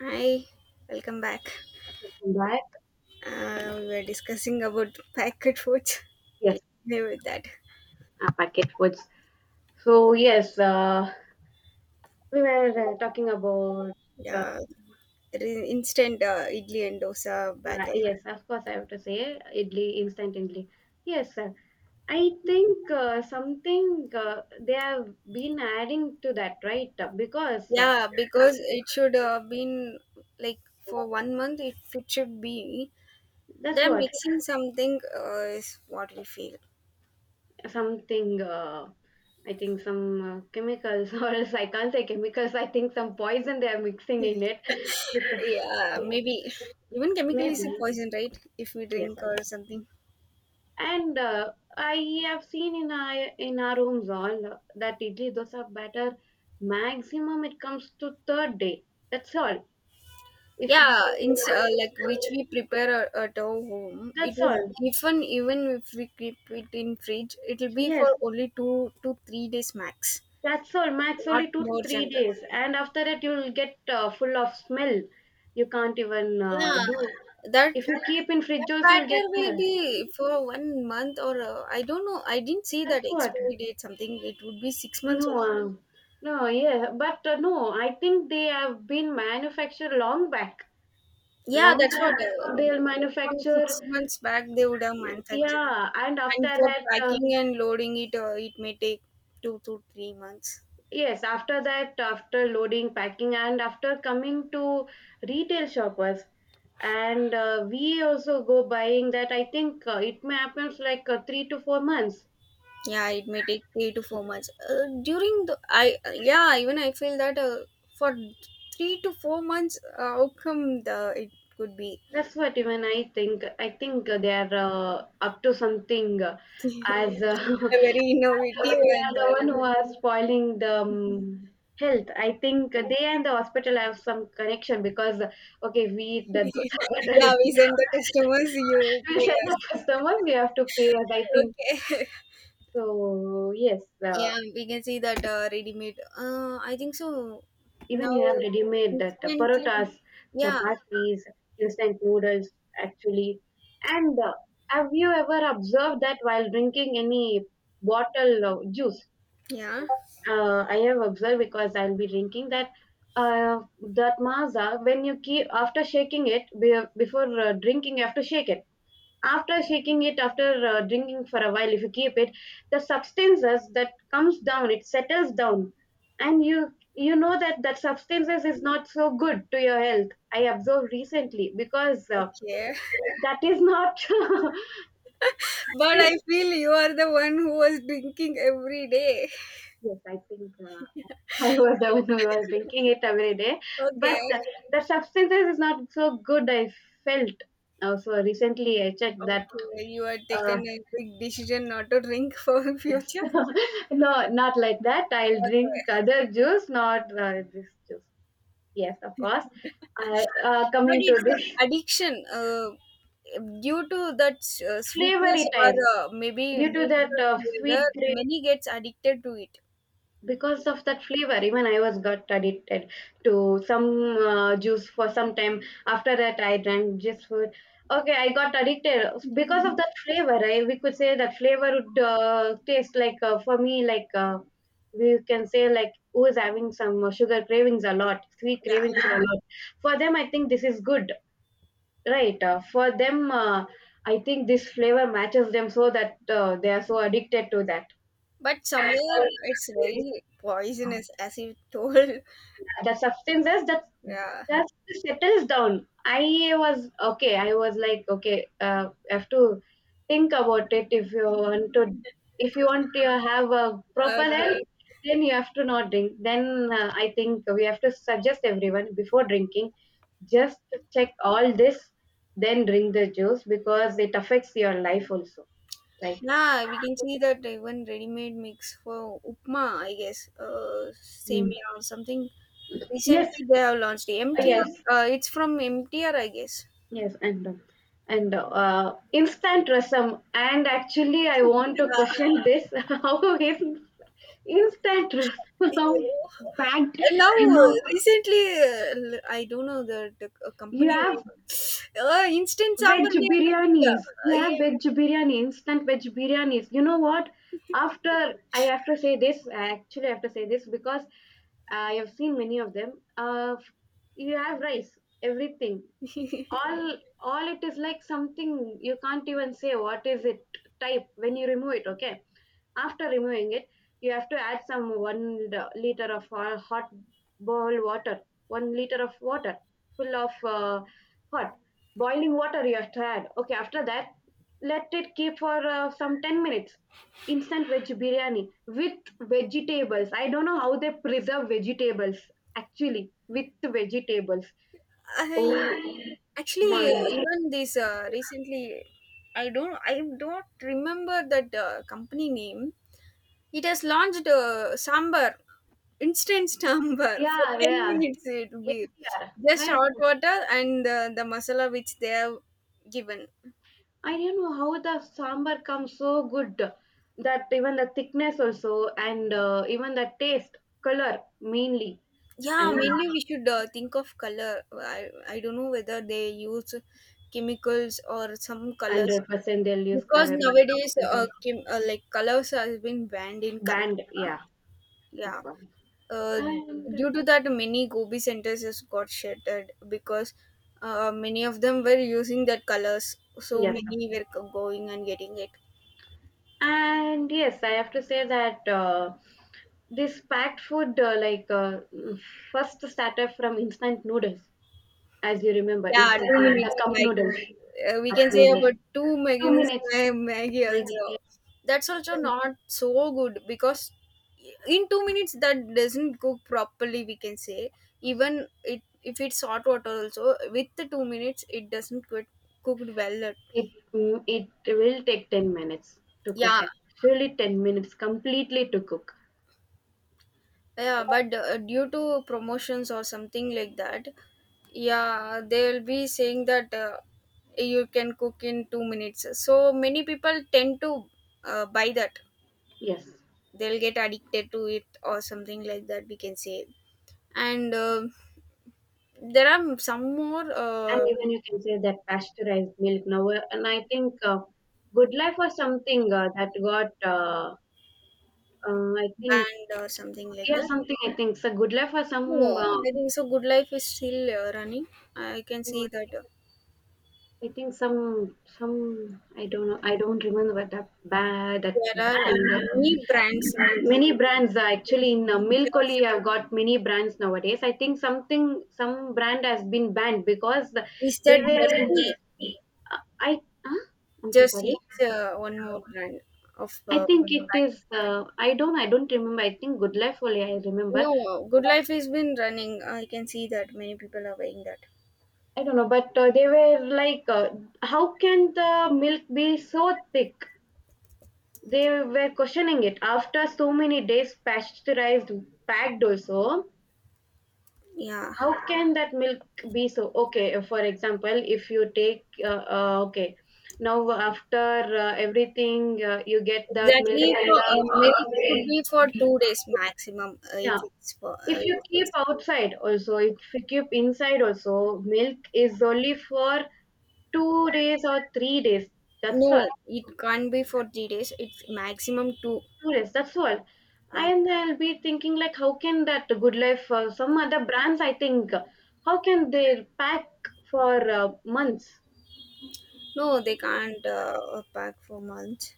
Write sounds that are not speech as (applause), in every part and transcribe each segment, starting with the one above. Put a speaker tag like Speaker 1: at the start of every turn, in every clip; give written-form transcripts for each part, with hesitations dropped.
Speaker 1: Hi, welcome back.
Speaker 2: Welcome back.
Speaker 1: We were discussing about packet foods.
Speaker 2: Yes,
Speaker 1: I agree with that.
Speaker 2: packet foods. So yes, we were talking about. Uh,
Speaker 1: Yeah, instant idli and dosa batter.
Speaker 2: yes, of course, I have to say idli instant idli. Yes, sir. I think something they have been adding to that, right? Because
Speaker 1: Yeah, because it should been like for 1 month. It should be.
Speaker 2: that's
Speaker 1: They're
Speaker 2: what
Speaker 1: mixing something is what we feel.
Speaker 2: something. I think some chemicals, (laughs) or else I can't say chemicals. I think some poison they are mixing in it.
Speaker 1: Yeah, maybe even
Speaker 2: (laughs)
Speaker 1: chemical is a
Speaker 2: Maybe
Speaker 1: poison, right? If we
Speaker 2: yes.
Speaker 1: drink or something.
Speaker 2: And I have seen in our homes all that idli dosa batter, maximum it comes to third day. That's all. If That's
Speaker 1: Yeah, in like which
Speaker 2: all.
Speaker 1: we prepare at our home it would, even if we keep it in fridge, it'll be for
Speaker 2: Yes,
Speaker 1: only 2 to 3 days max,
Speaker 2: that's all. Max
Speaker 1: not
Speaker 2: only two to
Speaker 1: more
Speaker 2: three
Speaker 1: generous.
Speaker 2: days, and after that you'll get full of smell. You can't even
Speaker 1: Yeah,
Speaker 2: do.
Speaker 1: that
Speaker 2: If you keep in fridge
Speaker 1: that
Speaker 2: also, you'll
Speaker 1: batter
Speaker 2: get
Speaker 1: will
Speaker 2: smell.
Speaker 1: be for 1 month, or I don't know, I didn't see
Speaker 2: That's
Speaker 1: that
Speaker 2: what.
Speaker 1: expiry date, something, it would be six
Speaker 2: No,
Speaker 1: months also.
Speaker 2: no, yeah, but no. I think they have been manufactured long back.
Speaker 1: Yeah,
Speaker 2: Long
Speaker 1: that's what.
Speaker 2: that they'll
Speaker 1: Maybe from
Speaker 2: manufacture,
Speaker 1: 6 months back they would have manufactured it.
Speaker 2: yeah, and
Speaker 1: And
Speaker 2: after
Speaker 1: for
Speaker 2: that
Speaker 1: packing and loading it, it may take 2 to 3 months.
Speaker 2: yes, after that, after loading, packing, and after coming to retail shoppers, and we also go buying that. I think it may happen like 3 to 4 months.
Speaker 1: Yeah, it may take 3 to 4 months during the I yeah, even I feel that, for 3 to 4 months outcome the it could be
Speaker 2: That's what, even I think. I think they are up to something. As
Speaker 1: a very
Speaker 2: But
Speaker 1: innovative
Speaker 2: they
Speaker 1: and
Speaker 2: are the one
Speaker 1: uh,
Speaker 2: who are spoiling the health. I think they and the hospital have some connection because, okay, we eat the dosa
Speaker 1: (laughs)
Speaker 2: butter idli.
Speaker 1: yeah, we send the customers,
Speaker 2: (laughs)
Speaker 1: you
Speaker 2: We are
Speaker 1: pay us.
Speaker 2: the customers, we have to pay us. I think
Speaker 1: Okay.
Speaker 2: so. Yes,
Speaker 1: (laughs) Yeah, we can see that ready made, I think so,
Speaker 2: even
Speaker 1: now,
Speaker 2: you have ready made that
Speaker 1: instantly.
Speaker 2: parotas,
Speaker 1: Yeah,
Speaker 2: chapatis, instant noodles, actually. And have you ever observed that while drinking any bottle of juice?
Speaker 1: yeah.
Speaker 2: I have observed because I'll be drinking that uh, that maza. When you keep, after shaking it, before drinking, you have to shake it. After shaking it, after drinking for a while, if you keep it, the substances that comes down it settles down, and you know that that substances is not so good to your health. I observed recently because
Speaker 1: Okay.
Speaker 2: that is not.
Speaker 1: (laughs) But I
Speaker 2: (laughs)
Speaker 1: feel you are the one who was drinking every day.
Speaker 2: Yes, I think (laughs) I was the one who was
Speaker 1: (laughs)
Speaker 2: drinking it every day.
Speaker 1: Okay.
Speaker 2: But the substances is not so good. I felt also recently. I checked that.
Speaker 1: Okay, you had
Speaker 2: Uh,
Speaker 1: taken a big decision not to drink for (laughs)
Speaker 2: yes,
Speaker 1: future.
Speaker 2: (laughs) no, not like that. I'll drink
Speaker 1: Okay,
Speaker 2: other juice, not this juice. Yes, of course.
Speaker 1: but
Speaker 2: Coming to
Speaker 1: it's like
Speaker 2: this
Speaker 1: addiction. Due to that
Speaker 2: (laughs)
Speaker 1: sweetness,
Speaker 2: flavory
Speaker 1: or
Speaker 2: time,
Speaker 1: maybe
Speaker 2: due to
Speaker 1: due to
Speaker 2: that
Speaker 1: the flavor,
Speaker 2: sweet.
Speaker 1: many gets addicted to it.
Speaker 2: Because of that flavor, even I was got addicted to some juice for some time. After that, I drank just food. Okay, I got addicted because of that flavor. We could say that flavor would taste like for me, like we can say, like who is having some sugar cravings a lot, sweet
Speaker 1: Yeah,
Speaker 2: cravings a lot. For them I think this is good, right? For them, I think this flavor matches them, so that they are so addicted to that.
Speaker 1: but somewhere it's very poisonous, as you told. (laughs)
Speaker 2: The substances that
Speaker 1: Yeah.
Speaker 2: just settles down. I was okay. I was like, okay, have to think about it. If you want to have a proper health,
Speaker 1: Okay.
Speaker 2: then you have to not drink. Then I think we have to suggest everyone, before drinking, just check all this, then drink the juice, because it affects your life also, right?
Speaker 1: Yeah, we can see that even ready-made mix for upma, I guess,
Speaker 2: Mm.
Speaker 1: semia or something.
Speaker 2: Yes,
Speaker 1: Recently, they have launched
Speaker 2: yes,
Speaker 1: MTR. It's from MTR, I guess.
Speaker 2: yes, and instant rasam. And actually, I
Speaker 1: Yeah,
Speaker 2: want to question this: (laughs) how is instant
Speaker 1: (laughs) you
Speaker 2: rasam
Speaker 1: know.
Speaker 2: (laughs) backed
Speaker 1: And now,
Speaker 2: enough?
Speaker 1: I don't know the
Speaker 2: You
Speaker 1: company
Speaker 2: have
Speaker 1: name. Instant
Speaker 2: veg
Speaker 1: sambar they are doing.
Speaker 2: biryanis. You
Speaker 1: Yeah,
Speaker 2: have veg biryani, instant veg biryanis. You know what? After I have to say this, I actually have to say this, because I have seen many of them. You have rice, everything. All it is, like something you can't even say what is it type when you remove it. Okay, after removing it, you have to add some liter of hot bowl water, 1 liter of water full of hot boiling water, you have to add. Okay, after that, let it keep for some 10 minutes. Instant veg biryani with vegetables. I don't know how they preserve vegetables, actually, with vegetables. Oh
Speaker 1: I, actually, uh,
Speaker 2: my.
Speaker 1: even this recently. I don't remember that company name. It has launched a sambar, instant (laughs) sambar for
Speaker 2: Yeah,
Speaker 1: 10
Speaker 2: yeah,
Speaker 1: minutes. It will
Speaker 2: yeah,
Speaker 1: be
Speaker 2: yeah.
Speaker 1: just
Speaker 2: I,
Speaker 1: hot water and the masala which they have given.
Speaker 2: I don't know how the sambar comes so good, that even the thickness also, and even the taste, color mainly,
Speaker 1: Yeah,
Speaker 2: and
Speaker 1: mainly we should think of color. I don't know whether they use chemicals or some colors,
Speaker 2: 100% they'll use
Speaker 1: because
Speaker 2: curry.
Speaker 1: nowadays like colors has been banned in
Speaker 2: Band,
Speaker 1: Canada.
Speaker 2: yeah, of
Speaker 1: Yeah.
Speaker 2: course.
Speaker 1: uh,
Speaker 2: And
Speaker 1: Due to that, many gobi centers has got shattered, because many of them were using that colors, so
Speaker 2: yes,
Speaker 1: many were going and getting it.
Speaker 2: and yes, I have to say that this packed food, like, first started from instant noodles, as you remember,
Speaker 1: Yeah, two
Speaker 2: instantly the
Speaker 1: minutes
Speaker 2: cup
Speaker 1: maggie.
Speaker 2: noodles,
Speaker 1: We
Speaker 2: cup
Speaker 1: can say
Speaker 2: noodles.
Speaker 1: about two
Speaker 2: Two
Speaker 1: minutes
Speaker 2: minutes,
Speaker 1: maggie
Speaker 2: Maggie.
Speaker 1: also. That's also not so good, because in 2 minutes that doesn't cook properly, we can say. Even it if it's hot water also, with the 2 minutes it doesn't get cooked well.
Speaker 2: It will take 10 minutes to cook.
Speaker 1: Yeah,
Speaker 2: Actually, 10 minutes completely to cook.
Speaker 1: yeah, but due to promotions or something like that. Yeah, they'll be saying that you can cook in 2 minutes, so many people tend to buy that.
Speaker 2: Yes.
Speaker 1: They'll get addicted to it or something like that, we can say. And there are some more
Speaker 2: And even you can say that pasteurized milk now, and I think Good Life was something that got I think.
Speaker 1: band or something like
Speaker 2: Yeah,
Speaker 1: that.
Speaker 2: something, I think, so Good Life was some,
Speaker 1: No,
Speaker 2: uh,
Speaker 1: I think so, Good Life is still running. I can see that
Speaker 2: I think, some, I don't know, I don't remember that that
Speaker 1: there are
Speaker 2: brand,
Speaker 1: many brands nowadays,
Speaker 2: many brands are actually in milk
Speaker 1: just
Speaker 2: only, have got many brands nowadays. I think something, some brand has been banned because they
Speaker 1: Mr.
Speaker 2: were
Speaker 1: Jersey.
Speaker 2: uh, I huh? I'm so sorry.
Speaker 1: Jersey. It's one more brand of.
Speaker 2: I think it is. I don't. I don't remember. I think Good Life only. I remember.
Speaker 1: No, Good Life has been running. I can see that many people are wearing that.
Speaker 2: I don't know. But they were like, how can the milk be so thick? They were questioning it after so many days, pasteurized, packed also.
Speaker 1: Yeah,
Speaker 2: How can that milk be so? Okay, for example, if you take, okay, now after everything, you get that milk
Speaker 1: exactly.
Speaker 2: and
Speaker 1: For maybe could
Speaker 2: the,
Speaker 1: be for 2 days maximum. Uh,
Speaker 2: yeah.
Speaker 1: if it's for
Speaker 2: If you
Speaker 1: if
Speaker 2: keep
Speaker 1: it's,
Speaker 2: outside also, if you keep inside also, milk is only for 2 days or 3 days. That's all.
Speaker 1: no, it can't be for 3 days. It's maximum two.
Speaker 2: 2 days. That's all.
Speaker 1: Yeah.
Speaker 2: And I'll be thinking like, how can that Good Life, some other brands, I think, how can they pack for months?
Speaker 1: No, they can't pack for months.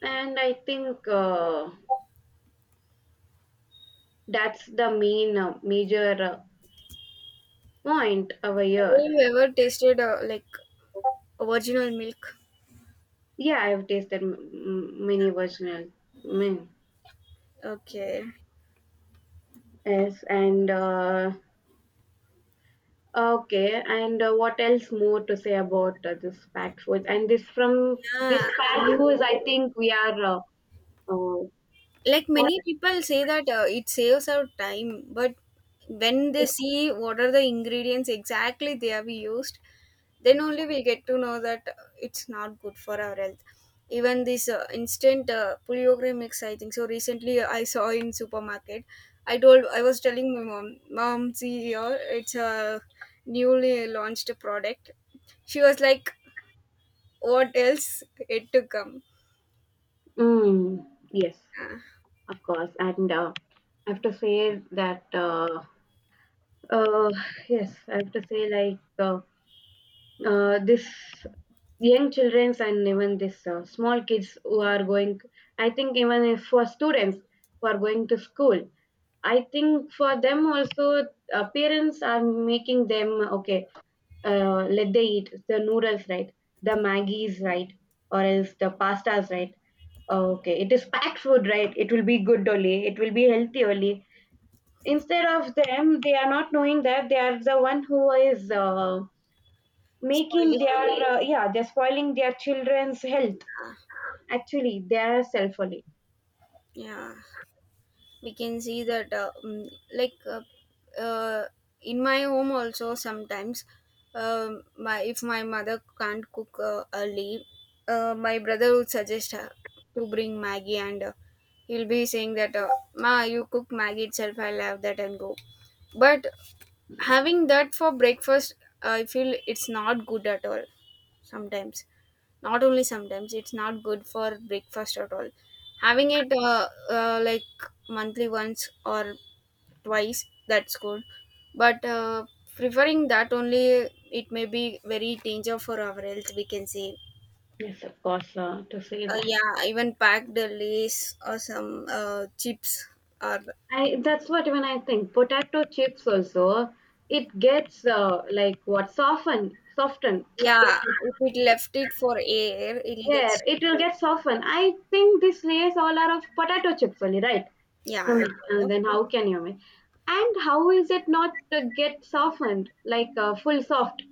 Speaker 2: And I think that's the main major point over
Speaker 1: Have
Speaker 2: here.
Speaker 1: you ever tasted like original milk?
Speaker 2: Yeah, I've tasted many versions. Mm,
Speaker 1: Okay.
Speaker 2: yes, and okay, and what else more to say about this packed foods? And this, from this
Speaker 1: Yeah,
Speaker 2: packed foods, I think we are. Uh,
Speaker 1: like many people say that it saves our time, but when they see what are the ingredients exactly they have used, then only we get to know that it's not good for our health. Even this instant puliyogre mix, I think so, recently I saw in supermarket. I told, I was telling my mom, mom see here, it's a newly launched product. She was like, what else it to come.
Speaker 2: yes,
Speaker 1: Ah,
Speaker 2: of course, and I have to say that. Uh, yes, I have to say, like, this young childrens, and even this small kids who are going. I think even if for students who are going to school, I think for them also parents are making them okay, let they eat the noodles, right, the maggies, right, or else the pastas, right. Oh, okay, it is packed food, right, it will be good only, it will be healthy only. Instead of them, they are not knowing that they are the one who is making
Speaker 1: spoiling.
Speaker 2: their yeah, they're spoiling their children's health.
Speaker 1: Ah,
Speaker 2: Actually, they are self only.
Speaker 1: yeah, we can see that like uh, uh, in my home also sometimes, my, if my mother can't cook early, my brother would suggest her to bring maggie, and he'll be saying that ma you cook maggie itself, I'll have that and go. But having that for breakfast, I feel it's not good at all. Sometimes, not only sometimes, it's not good for breakfast at all. Having it like monthly once or twice, that's good. But preferring that only, it may be very danger for our health, we can say.
Speaker 2: Yes, of course, to say
Speaker 1: Uh,
Speaker 2: that.
Speaker 1: yeah, even packed lace or some chips or,
Speaker 2: I That's what, even I think. Potato chips also, it gets like, what, soften. (tsk) It's,
Speaker 1: yeah, if it left it for air, it'll get
Speaker 2: yeah, it will
Speaker 1: softer.
Speaker 2: get softened. I think these layers all are of potato chips only, right?
Speaker 1: Yeah,
Speaker 2: Yeah.
Speaker 1: it kind of,
Speaker 2: Then how can you make? And how is it not to get softened, like full soft?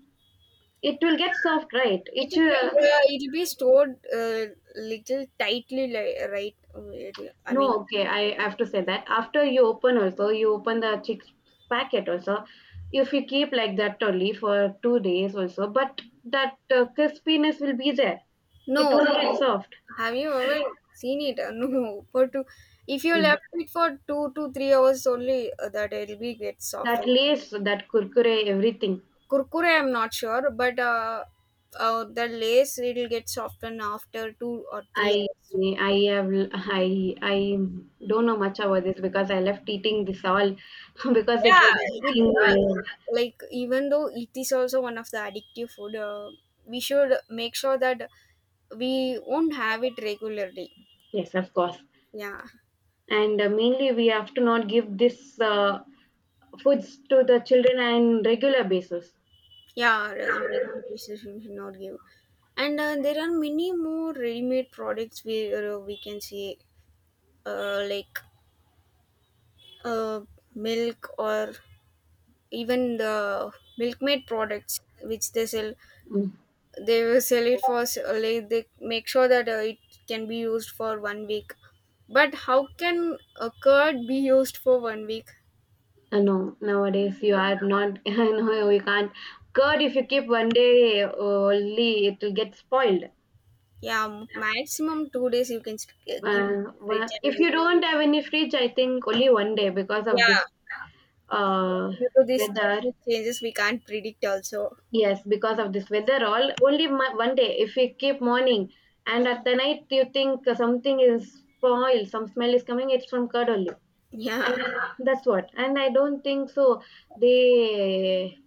Speaker 2: It will get soft, right? It
Speaker 1: it'll
Speaker 2: should,
Speaker 1: it'll be stored little tightly, like right? I
Speaker 2: no,
Speaker 1: mean,
Speaker 2: okay. I have to say that after you open also, you open the chips packet also, if you keep like that only for 2 days also, but that crispiness will be there.
Speaker 1: no,
Speaker 2: It will get soft.
Speaker 1: have you ever seen it? No, (laughs) for two. If you
Speaker 2: Mm.
Speaker 1: left it for 2 to 3 hours only, that it'll be get
Speaker 2: That
Speaker 1: softened.
Speaker 2: lace, that kurkure, everything.
Speaker 1: Kurkure, I'm not sure, but the lace it'll get softened after two or three
Speaker 2: I
Speaker 1: hours.
Speaker 2: I have I don't know much about this because I left eating this all (laughs) because it
Speaker 1: Yeah,
Speaker 2: was
Speaker 1: it
Speaker 2: affecting my.
Speaker 1: like, even though it is also one of the addictive food, we should make sure that we won't have it regularly.
Speaker 2: Yes, of course,
Speaker 1: Yeah.
Speaker 2: and mainly we have to not give this foods to the children on regular basis.
Speaker 1: Yeah, underground pieces we should not give. And there are many more ready-made products we can see, like uh, milk or even the milk-made products which they sell.
Speaker 2: Mm.
Speaker 1: They will sell it for like they make sure that it can be used for 1 week. But how can a curd be used for 1 week?
Speaker 2: No, nowadays you are not. (laughs) no, you can't. Curd, if you keep one day only, it will get spoiled.
Speaker 1: Yeah, maximum 2 days you can keep it in fridge and
Speaker 2: If you
Speaker 1: use it.
Speaker 2: don't have any fridge, I think only one day because of this
Speaker 1: Yeah,
Speaker 2: uh,
Speaker 1: due to these
Speaker 2: weather.
Speaker 1: climate changes we can't predict also.
Speaker 2: Yes, because of this weather, all only one day. If we keep morning, and at the night, you think something is spoiled, some smell is coming, it's from curd only, and
Speaker 1: Yeah,
Speaker 2: that's what. And I don't think so. They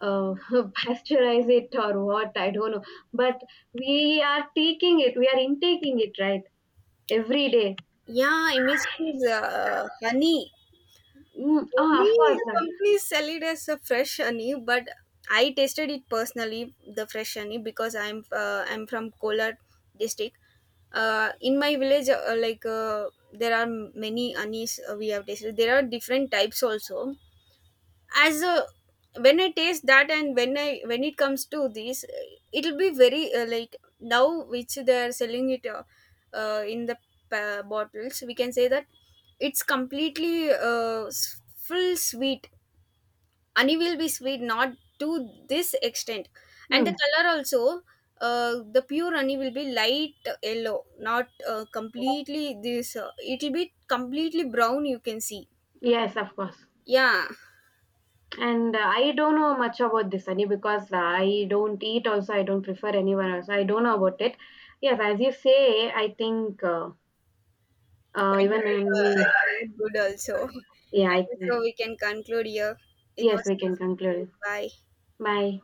Speaker 2: uh, (laughs) pasteurize it or what? I don't know. But we are taking it. We are intaking it, right, every day.
Speaker 1: yeah, emissions, honey,
Speaker 2: Mm, oh, of
Speaker 1: many
Speaker 2: course.
Speaker 1: companies sell it as a fresh honey, but I tasted it personally, the fresh honey, because I'm from Kolar district. In my village, there are many honeys we have tasted, there are different types also. As a When I taste that, and when I when it comes to this, it'll be very like, now which they are selling it, in the bottles, we can say that it's completely full sweet. Honey will be sweet, not to this extent. And
Speaker 2: Mm,
Speaker 1: the color also, the pure honey will be light yellow, not completely this, it'll be completely brown, you can see.
Speaker 2: yes, of course.
Speaker 1: Yeah.
Speaker 2: And I don't know much about this honey, because I don't eat also. I don't prefer anyone else. I don't know about it. Yes, as you say, I think,
Speaker 1: That
Speaker 2: even
Speaker 1: is
Speaker 2: in,
Speaker 1: it's so good also. (laughs)
Speaker 2: yeah,
Speaker 1: I
Speaker 2: I
Speaker 1: think so
Speaker 2: think,
Speaker 1: we can conclude here. It
Speaker 2: yes,
Speaker 1: was
Speaker 2: we can
Speaker 1: nice meeting you.
Speaker 2: conclude.
Speaker 1: Bye.
Speaker 2: Bye.